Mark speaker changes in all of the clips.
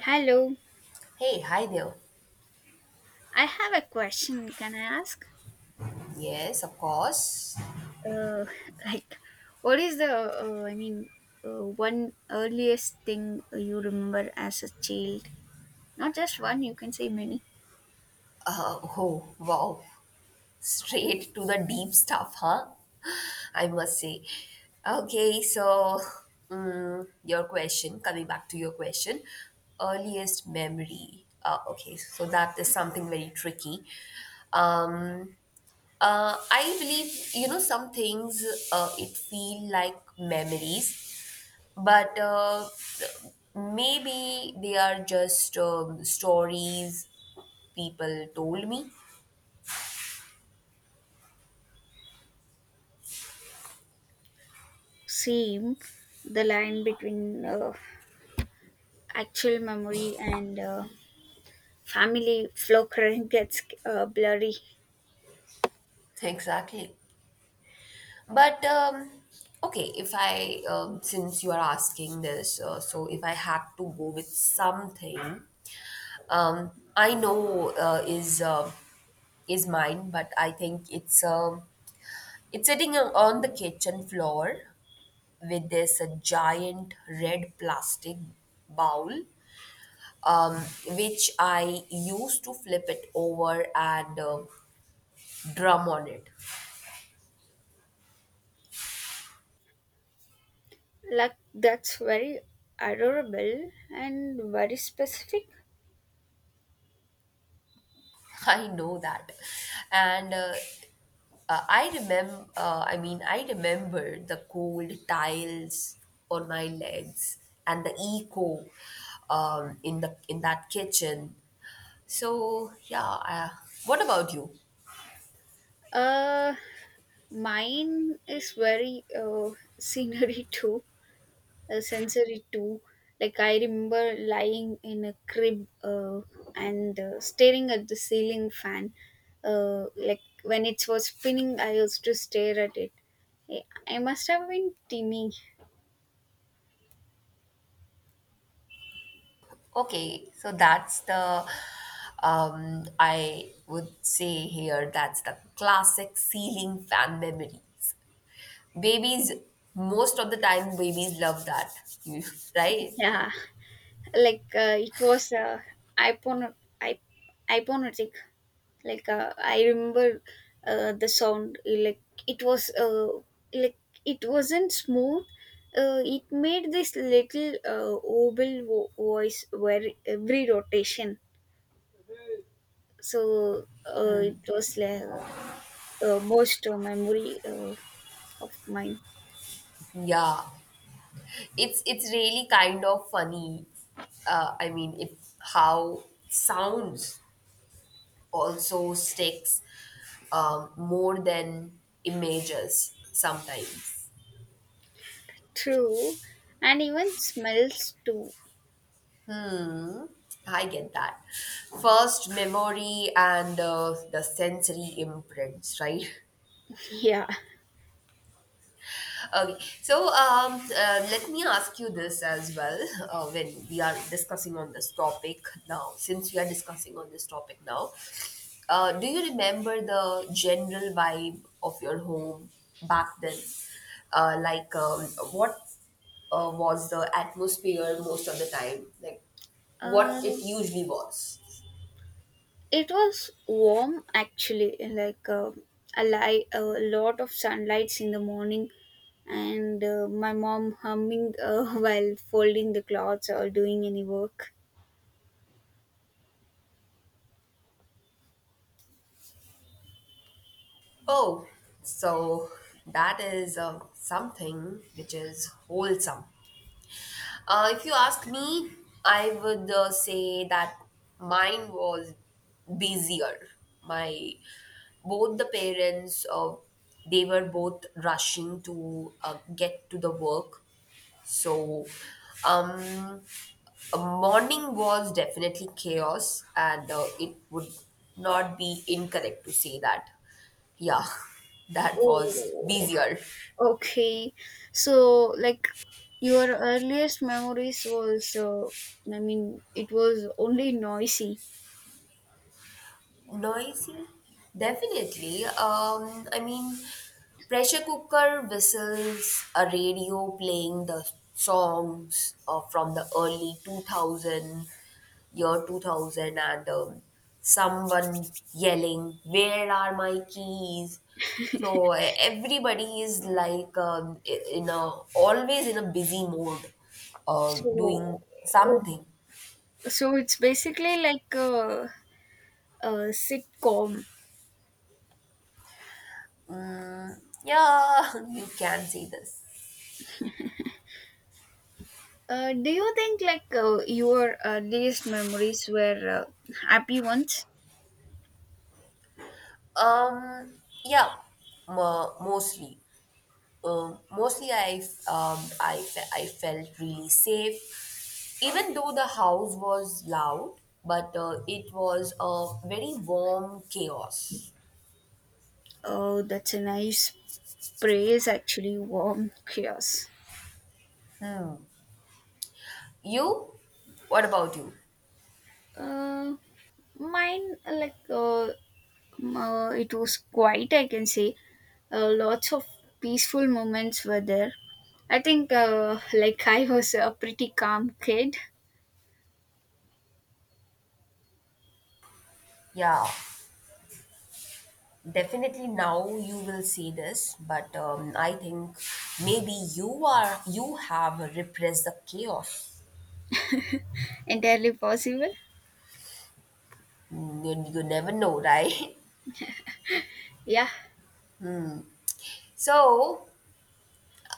Speaker 1: Hello,
Speaker 2: Hey, hi there.
Speaker 1: I have a question. Can I ask?
Speaker 2: Yes, of course.
Speaker 1: Uh, like, what is the, I mean, one earliest thing you remember as a child? Not just one, you can say many.
Speaker 2: Oh, wow. Straight to the deep stuff, huh? I must say. Okay, so coming back to your question, earliest memory. Okay, so that is something very tricky. Um, I believe, you know, some things it feel like memories but maybe they are just stories people told me
Speaker 1: Same, the line between actual memory and family flow current gets blurry.
Speaker 2: exactly but okay if I since you are asking this so if I had to go with something um, I know is mine but I think it's sitting on the kitchen floor with this giant red plastic bowl um, which I used to flip it over and drum on it.
Speaker 1: Like, that's very adorable and very specific.
Speaker 2: I know that, and I remember. I mean, I remember the cold tiles on my legs and the echo in the in that kitchen. So yeah, what about you?
Speaker 1: Uh, Mine is very scenery too, sensory too. Like I remember lying in a crib and staring at the ceiling fan. Like when it was spinning, I used to stare at it. I must have been teeny.
Speaker 2: Okay, so that's the I would say here that's the classic ceiling fan memory. Babies, most of the time, babies love that, right?
Speaker 1: Yeah, like it was ipon- ip- hypnotic. Like I remember the sound, like it was like it wasn't smooth. It made this little oval voice where every rotation, so it was like most memory of mine.
Speaker 2: Yeah, it's really kind of funny. I mean, it how sounds also sticks more than images sometimes.
Speaker 1: True, and even smells too.
Speaker 2: I get that. First, memory and the sensory imprints, right?
Speaker 1: Yeah.
Speaker 2: Okay, so let me ask you this as well when we are discussing on this topic now. Since we are discussing on this topic now, do you remember the general vibe of your home back then? Uh, like, um, what was the atmosphere most of the time? Like, what
Speaker 1: uh,
Speaker 2: it usually was?
Speaker 1: It was warm actually, like a lot of sunlights in the morning, and my mom humming while folding the clothes or doing any work.
Speaker 2: Oh, so that is something which is wholesome. If you ask me, I would say that mine was busier. My both the parents, they were both rushing to get to the work. So, um, a morning was definitely chaos, and it would not be incorrect to say that. Yeah, that was
Speaker 1: Oh,
Speaker 2: busier.
Speaker 1: okay. So, like, your earliest memories was, I mean, it was only noisy.
Speaker 2: Noisy? Definitely. I mean, pressure cooker whistles, a radio playing the songs from the early 2000, year 2000, and someone yelling, where are my keys? So everybody is like in a always in a busy mode,
Speaker 1: So,
Speaker 2: doing
Speaker 1: oh,
Speaker 2: something.
Speaker 1: so it's basically like a sitcom.
Speaker 2: Mm, yeah, you can say this.
Speaker 1: Do you think, like, your earliest memories were happy ones?
Speaker 2: Um, yeah, mostly. Mostly, I f- I fe- I felt really safe, even though the house was loud. But it was a very warm chaos.
Speaker 1: Oh, that's a nice praise. Actually, warm tears.
Speaker 2: You? What about you?
Speaker 1: Uh, Mine, like, it was quiet. I can say lots of peaceful moments were there. I think like I was a pretty calm kid,
Speaker 2: Yeah, definitely. Now you will see this, but I think maybe you have repressed the chaos.
Speaker 1: entirely possible.
Speaker 2: You never know, right?
Speaker 1: Yeah.
Speaker 2: So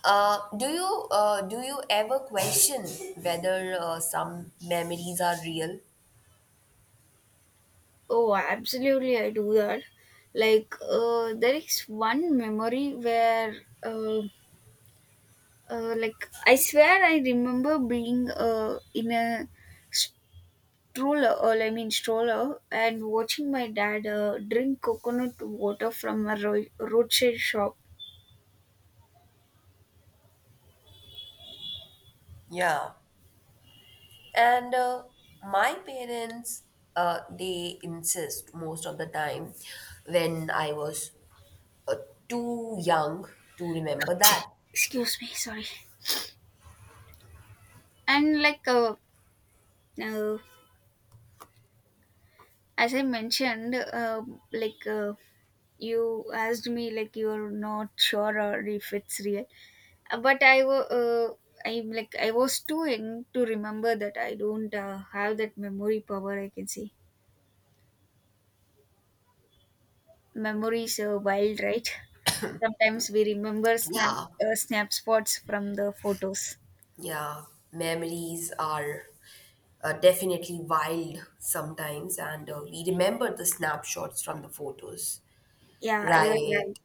Speaker 2: Do you ever question whether some memories are real?
Speaker 1: Oh, absolutely, I do that. Like, there is one memory where, uh, like, I swear I remember being in a stroller, or I mean, stroller, and watching my dad drink coconut water from a roadside shop.
Speaker 2: Yeah, and my parents they insist most of the time when I was uh, too young to remember that.
Speaker 1: Excuse me, sorry. And, like, uh, as I mentioned, like, you asked me, like, you're not sure or if it's real. But I'm like I was too young to remember that. I don't have that memory power, I can say. Memories are wild, right? Sometimes we remember
Speaker 2: Yeah,
Speaker 1: snap spots from the photos.
Speaker 2: yeah, memories are definitely wild sometimes, and we remember the snapshots from the photos,
Speaker 1: Yeah, you're
Speaker 2: right?
Speaker 1: right.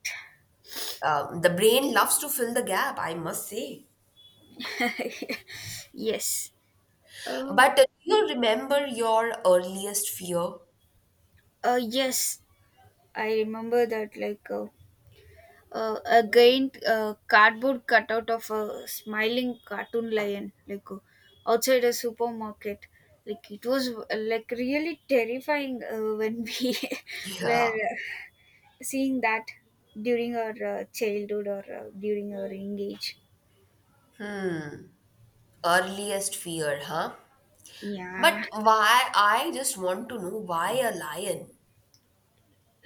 Speaker 2: The brain loves to fill the gap, I must say.
Speaker 1: Yes. Uh,
Speaker 2: But do you remember your earliest fear?
Speaker 1: yes. I remember that, like, again, a cardboard cutout of a smiling cartoon lion, like, outside a supermarket. Like, it was like really terrifying when we were
Speaker 2: Yeah,
Speaker 1: seeing that during our childhood or during our young age.
Speaker 2: earliest fear, huh?
Speaker 1: Yeah.
Speaker 2: But why? I just want to know why a lion?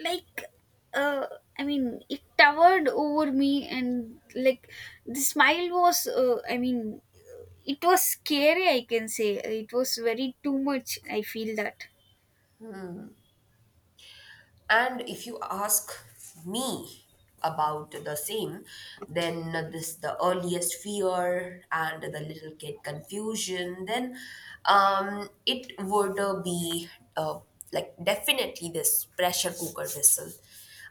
Speaker 1: Like, uh I mean, it towered over me, and like the smile was I mean, it was scary, I can say. It was very too much, I feel that.
Speaker 2: And if you ask me about the same, then this the earliest fear and the little kid confusion, then it would be uh, definitely this pressure cooker whistle.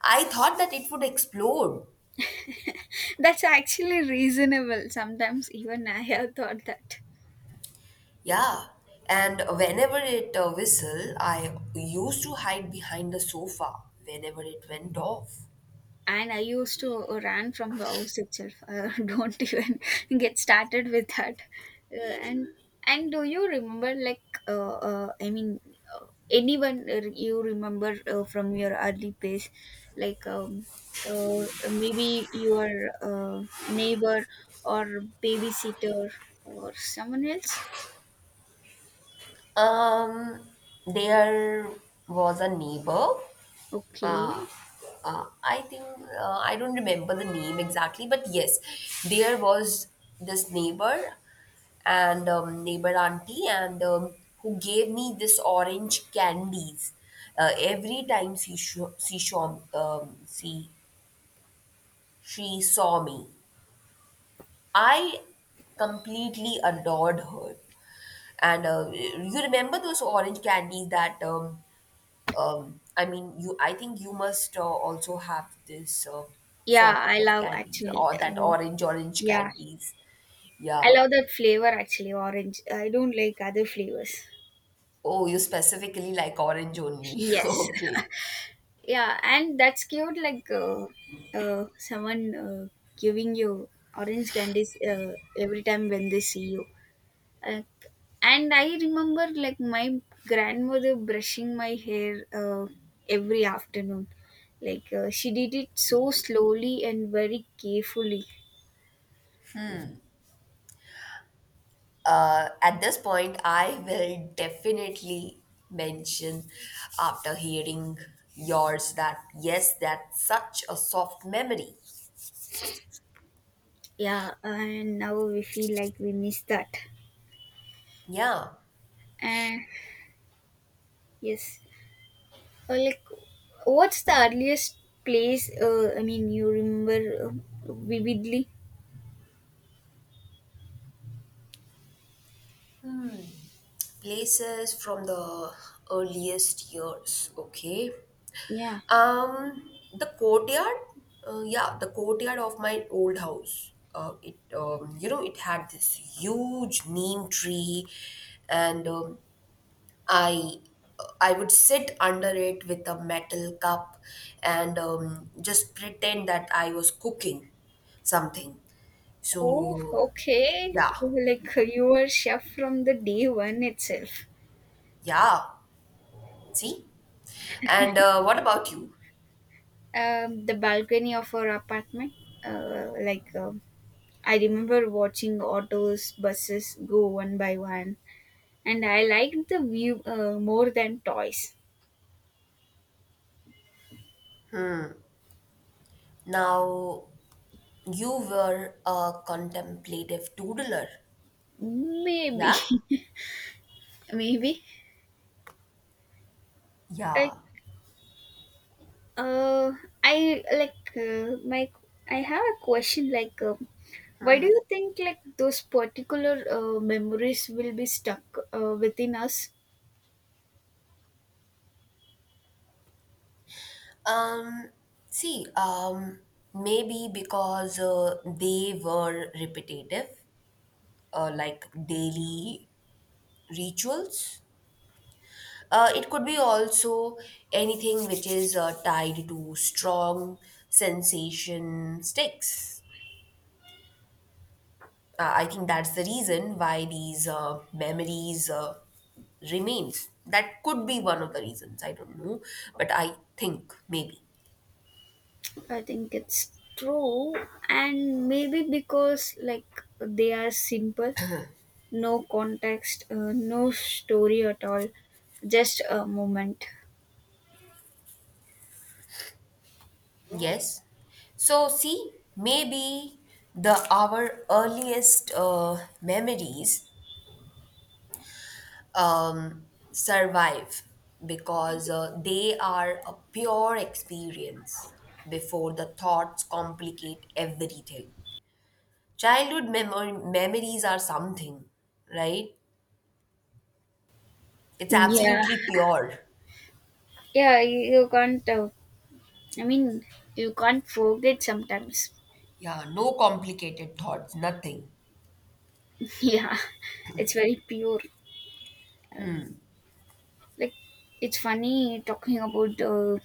Speaker 2: I thought that it would explode.
Speaker 1: That's actually reasonable, sometimes even I have thought that.
Speaker 2: Yeah. And whenever it whistle, I used to hide behind the sofa whenever it went off.
Speaker 1: And I used to run from the house itself. Don't even get started with that. uh, and and do you remember, like, I mean, anyone you remember from your early days, like, uh, maybe your uh, neighbor or babysitter or someone else?
Speaker 2: Um, there was a neighbor.
Speaker 1: Okay.
Speaker 2: Uh, uh, I think I don't remember the name exactly, but yes, there was this neighbor and neighbor auntie, and who gave me this orange candies every time she saw um, she she saw me. I completely adored her, and you remember those orange candies that I mean, you. I think you must also have this
Speaker 1: Yeah,
Speaker 2: sort
Speaker 1: I
Speaker 2: of
Speaker 1: love
Speaker 2: candies
Speaker 1: actually,
Speaker 2: or that orange
Speaker 1: yeah,
Speaker 2: candies.
Speaker 1: I
Speaker 2: Yeah.
Speaker 1: love that flavor, actually, orange. I don't like other flavors.
Speaker 2: Oh, you specifically like orange only.
Speaker 1: Yes.
Speaker 2: Okay.
Speaker 1: Yeah, and that's cute. Like, someone giving you orange candies every time when they see you. Like, and I remember, like, my grandmother brushing my hair every afternoon. Like, she did it so slowly and very carefully.
Speaker 2: At this point, I will definitely mention after hearing yours that yes, that's such a soft memory.
Speaker 1: Yeah, and now we feel like we miss that.
Speaker 2: Yeah.
Speaker 1: Uh, yes. Like, what's the earliest place? I mean, you remember vividly.
Speaker 2: Places from the earliest years. Okay.
Speaker 1: Yeah.
Speaker 2: The courtyard, yeah, the courtyard of my old house. You know, it had this huge neem tree, and I, I would sit under it with a metal cup, and just pretend that I was cooking something.
Speaker 1: Oh,
Speaker 2: So,
Speaker 1: okay.
Speaker 2: yeah,
Speaker 1: Like you were chef from the day one itself.
Speaker 2: yeah. See, and what about you?
Speaker 1: The balcony of our apartment. Like, I remember watching autos, buses go one by one, and I liked the view more than toys.
Speaker 2: Now, you were a contemplative doodler,
Speaker 1: Maybe.
Speaker 2: yeah?
Speaker 1: Maybe. Like,
Speaker 2: Yeah.
Speaker 1: Uh, I like my. I have a question. Like, why do you think, like, those particular memories will be stuck within us?
Speaker 2: Um, See, maybe because they were repetitive, like daily rituals. It could be also anything which is tied to strong sensation sticks. I think that's the reason why these memories remains. That could be one of the reasons. I don't know, but I think maybe.
Speaker 1: I think it's true, and maybe because, like, they are simple, no context, no story at all, just a moment.
Speaker 2: Yes. So, see, maybe the our earliest memories um, survive because they are a pure experience before the thoughts complicate everything. Childhood memories are something, right? It's
Speaker 1: Yeah,
Speaker 2: absolutely pure.
Speaker 1: yeah. You can't. I mean, you can't forget sometimes.
Speaker 2: Yeah, no complicated thoughts, nothing.
Speaker 1: Yeah, it's very pure. Like, it's funny talking about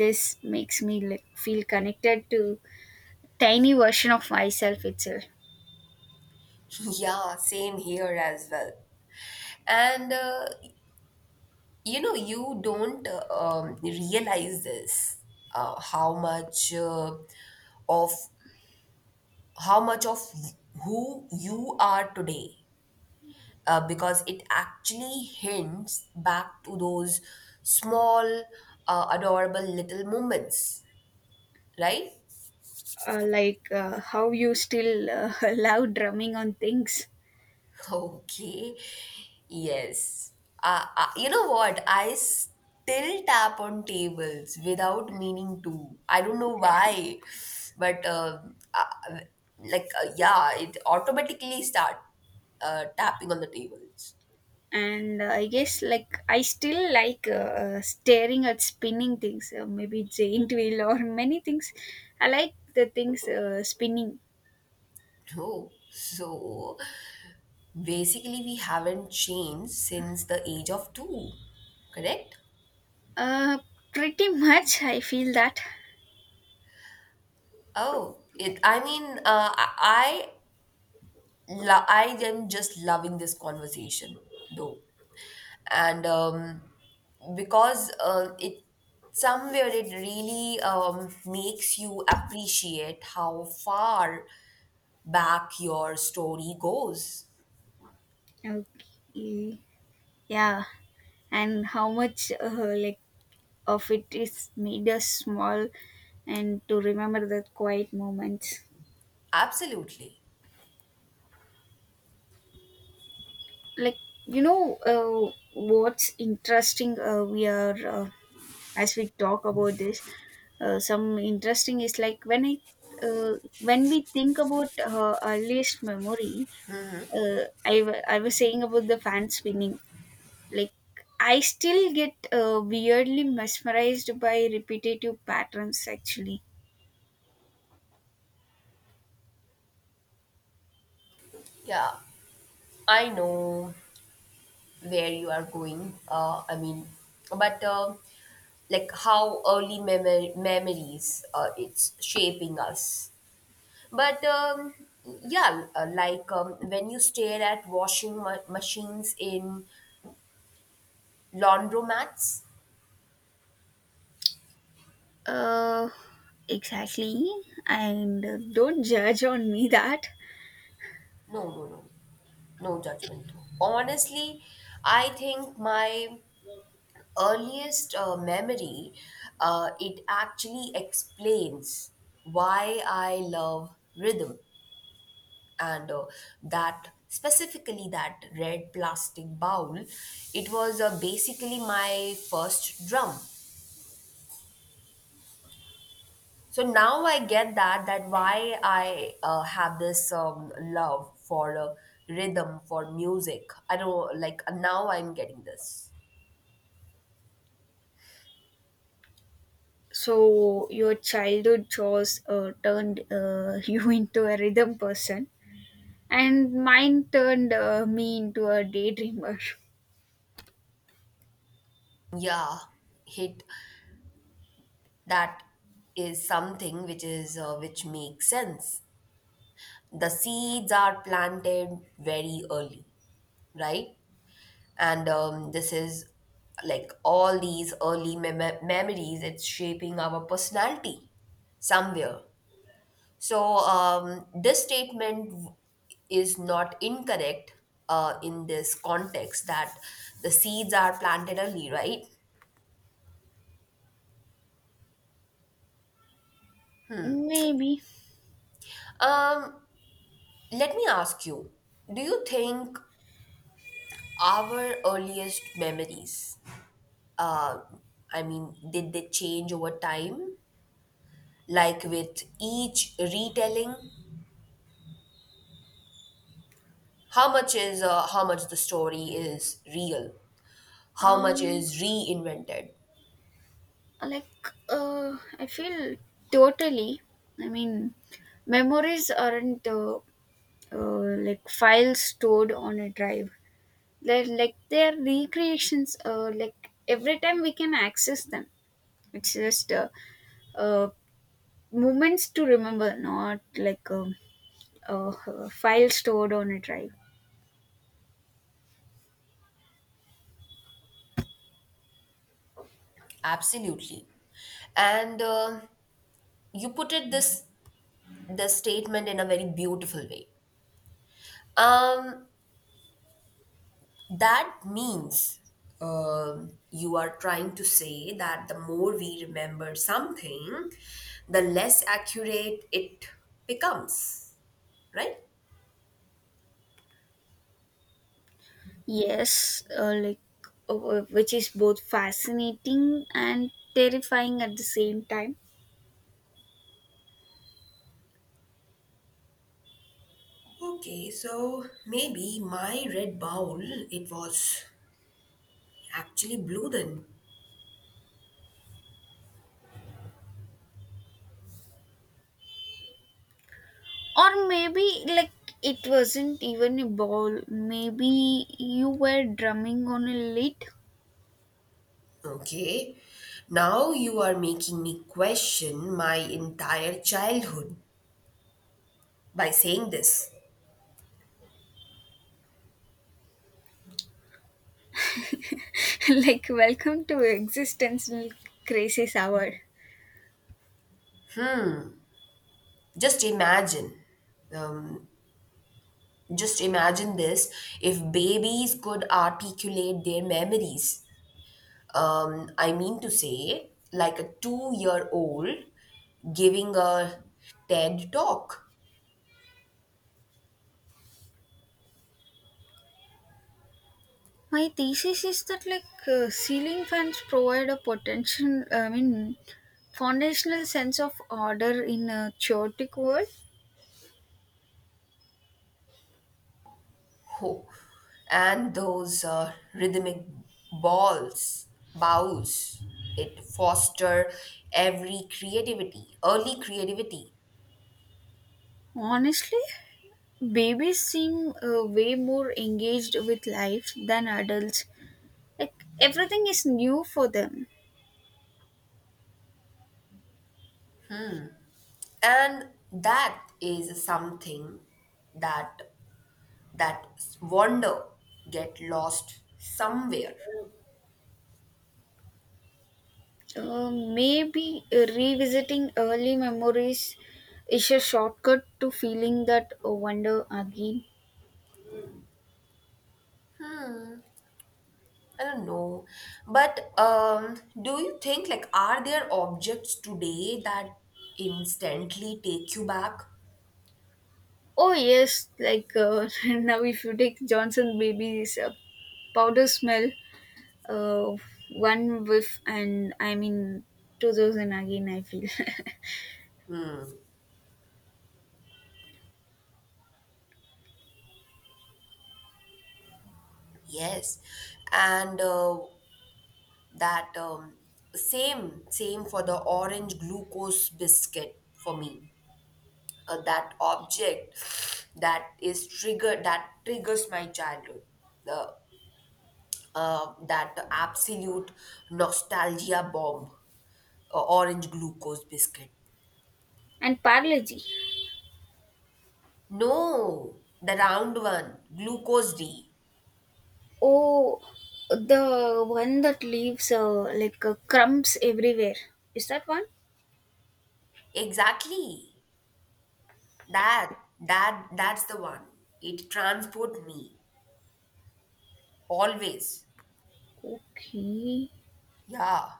Speaker 1: this makes me, like, feel connected to tiny version of myself itself.
Speaker 2: Yeah, same here as well. And you know you don't realize this how much of how much of who you are today because it actually hints back to those small adorable little moments, right?
Speaker 1: Like, how you still love drumming on things.
Speaker 2: Okay. Yes. You know what? I still tap on tables without meaning to. I don't know why, but uh, yeah, it automatically start tapping on the tables.
Speaker 1: And I guess, like, I still like staring at spinning things, maybe giant wheel or many things. I like the things spinning.
Speaker 2: No. So basically, we haven't changed since the age of two. Correct?
Speaker 1: uh, Pretty much, I feel that.
Speaker 2: Oh, it. I mean, I am just loving this conversation, though. And because it somewhere it really makes you appreciate how far back your story goes
Speaker 1: Okay. Yeah. And how much like of it is made us small, and to remember the quiet moments.
Speaker 2: absolutely.
Speaker 1: Like, you know, what's interesting, we are, as we talk about this, some interesting is, like, when we think about her earliest memory, I was saying about the fan spinning. Like, I still get weirdly mesmerized by repetitive patterns, actually.
Speaker 2: yeah I know where you are going, I mean, but like how early memories it's shaping us but yeah, when you stare at washing machines in laundromats.
Speaker 1: Uh, exactly. And don't judge on me that.
Speaker 2: No, no, no. No judgment. Honestly, I think my earliest memory, it actually explains why I love rhythm and that red plastic bowl. It was basically my first drum. So now I get that why I have this love for rhythm, for music. I don't now I'm getting this.
Speaker 1: So your childhood chores turned you into a rhythm person, and mine turned me into a daydreamer.
Speaker 2: Yeah, it that is something which is which makes sense. The seeds are planted very early, right? And this is like all these early memories. It's shaping our personality somewhere. So this statement is not incorrect in this context that the seeds are planted early, right?
Speaker 1: Maybe.
Speaker 2: Um, Let me ask you, do you think our earliest memories, uh, I mean, did they change over time? Like with each retelling, how much is how much the story is real? How much
Speaker 1: Um,
Speaker 2: is reinvented?
Speaker 1: like, I feel totally. I mean, memories aren't like files stored on a drive. They're like, they're recreations, like every time we can access them. It's just uh, moments to remember, not like, a file stored on a drive.
Speaker 2: Absolutely. And you put it this the statement in a very beautiful way. Um, That means you are trying to say that the more we remember something, the less accurate it becomes, right?
Speaker 1: Yes, like, which is both fascinating and terrifying at the same time.
Speaker 2: Okay, so maybe my red bowl, it was actually blue then.
Speaker 1: Or maybe, like, it wasn't even a ball. Maybe you were drumming on a lid.
Speaker 2: Okay, now you are making me question my entire childhood by saying this.
Speaker 1: Like, welcome to existential crisis hour.
Speaker 2: Just imagine. Um, Just imagine this if babies could articulate their memories. I mean to say, like a 2 year old giving a TED talk.
Speaker 1: My thesis is that, like, ceiling fans provide a potential, I mean, foundational sense of order in a chaotic world.
Speaker 2: Oh, and those rhythmic balls, bows, it foster every creativity, early creativity.
Speaker 1: Honestly, babies seem way more engaged with life than adults. Like, everything is new for them.
Speaker 2: And that is something that that wander get lost somewhere.
Speaker 1: Maybe revisiting early memories is a shortcut to feeling that wonder again.
Speaker 2: I don't know, but do you think like are there objects today that instantly take you back?
Speaker 1: Oh yes, like, now if you take Johnson Baby's powder smell, uh, one whiff and I mean 2000 again I feel.
Speaker 2: Yes, and that same for the orange glucose biscuit for me, that object that is triggered that triggers my childhood, the that absolute nostalgia bomb, orange glucose biscuit.
Speaker 1: And Parleji.
Speaker 2: No, the round one, glucose D.
Speaker 1: Oh, the one that leaves like crumbs everywhere. Is that one?
Speaker 2: Exactly. That, that's the one. It transport me always.
Speaker 1: Okay.
Speaker 2: Yeah.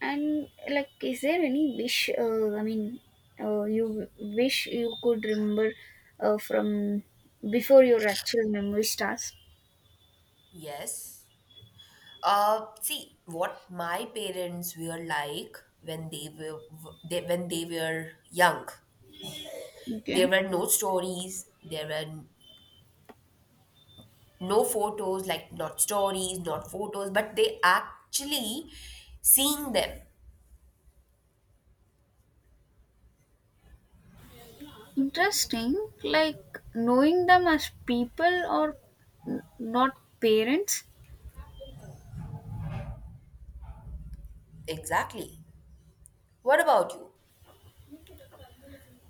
Speaker 1: And, like, is there any wish? I mean, you wish you could remember from before your actual memory starts.
Speaker 2: Yes. See what my parents were like when they were they, when they were young. There
Speaker 1: Okay.
Speaker 2: were no stories. There were no photos, like not stories, not photos, but they actually seeing them.
Speaker 1: Interesting, like knowing them as people or not parents.
Speaker 2: Exactly. What about you?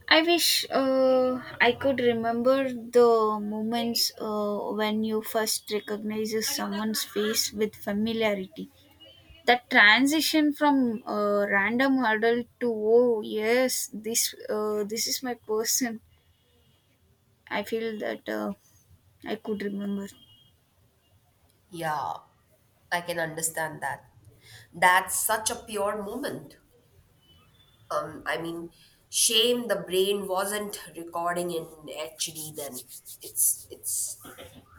Speaker 1: I wish I could remember the moments when you first recognizes someone's face with familiarity. That transition from random adult to oh yes, this is my person. I feel that I could remember.
Speaker 2: Yeah, I can understand that. That's such a pure moment. I mean, shame the brain wasn't recording in HD then. It's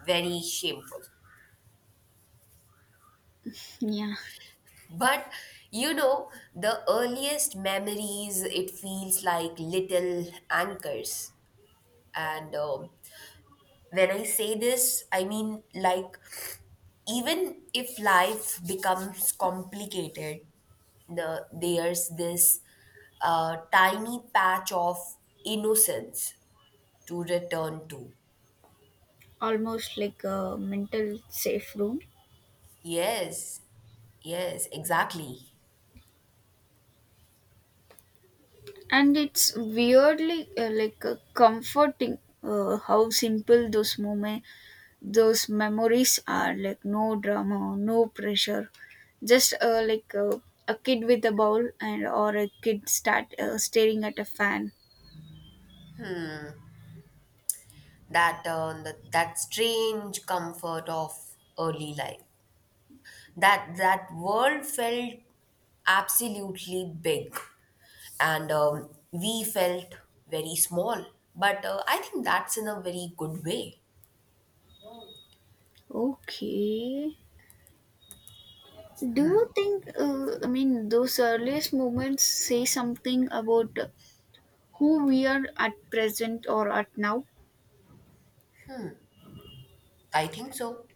Speaker 2: very shameful.
Speaker 1: Yeah,
Speaker 2: But you know, the earliest memories, it feels like little anchors. And when I say this, I mean like even if life becomes complicated, there's this tiny patch of innocence to return to.
Speaker 1: almost like a mental safe room.
Speaker 2: Yes, yes, exactly.
Speaker 1: And it's weirdly like, comforting how simple those memories are, like no drama, no pressure, just like, a kid with a ball, and or a kid start staring at a fan.
Speaker 2: That strange comfort of early life. That world felt absolutely big, and we felt very small. But I think that's in a very good way.
Speaker 1: Okay. Do you think, I mean, those earliest moments say something about who we are at present or at now?
Speaker 2: I think so.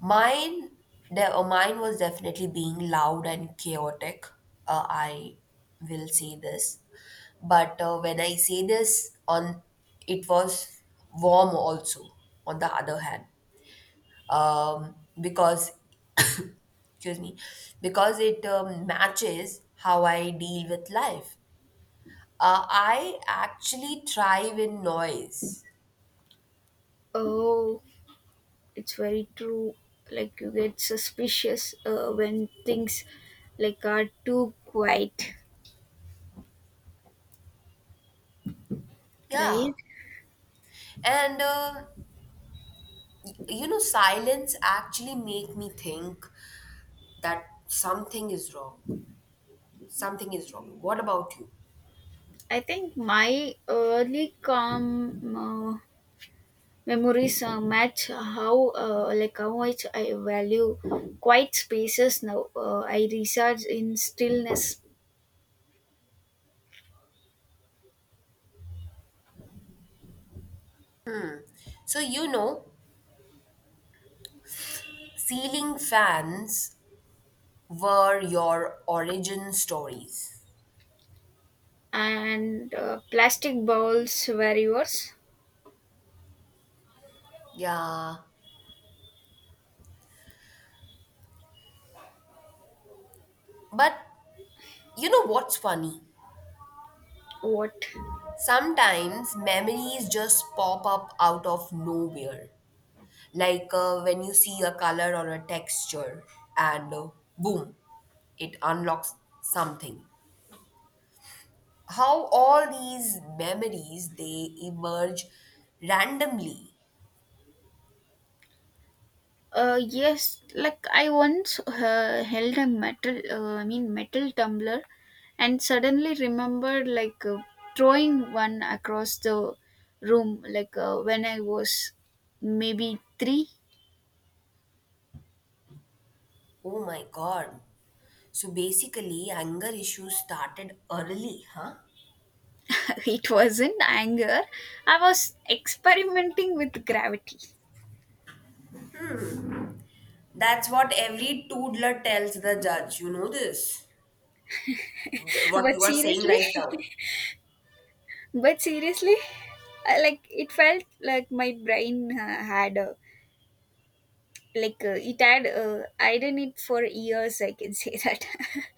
Speaker 2: Mine, mine was definitely being loud and chaotic. I will say this, but when I say this, on it was warm also. On the other hand, um, because excuse me, because it matches how I deal with life. I actually thrive in noise.
Speaker 1: Oh, it's very true. Like, you get suspicious when things, like, are too quiet,
Speaker 2: Yeah,
Speaker 1: right?
Speaker 2: and you know, silence actually make me think that something is wrong. Something is wrong. What about you?
Speaker 1: I think my early calm memories match how like how much I value quiet spaces now. I research in stillness.
Speaker 2: So, you know, ceiling fans were your origin stories.
Speaker 1: And plastic bowls were yours.
Speaker 2: Yeah. But you know what's funny?
Speaker 1: What?
Speaker 2: Sometimes memories just pop up out of nowhere. Like when you see a color or a texture, and boom, it unlocks something. How all these memories they emerge randomly.
Speaker 1: Yes, like I once held a metal, I mean, metal tumbler, and suddenly remembered, like, throwing one across the room. Like, when I was maybe three.
Speaker 2: Oh my God. So basically, anger issues started early, huh?
Speaker 1: It wasn't anger. I was experimenting with gravity.
Speaker 2: That's what every toddler tells the judge. You know this, what
Speaker 1: But
Speaker 2: you are saying
Speaker 1: seriously,
Speaker 2: right now.
Speaker 1: but seriously, like, it felt like my brain had a, like, it had I did it for years, I can say that.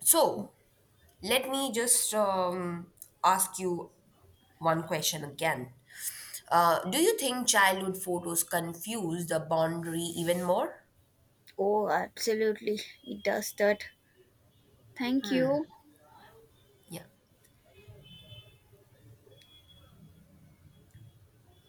Speaker 2: So let me just ask you one question again. Do you think childhood photos confuse the boundary even more?
Speaker 1: Oh, absolutely. It does that. Thank you.
Speaker 2: Yeah.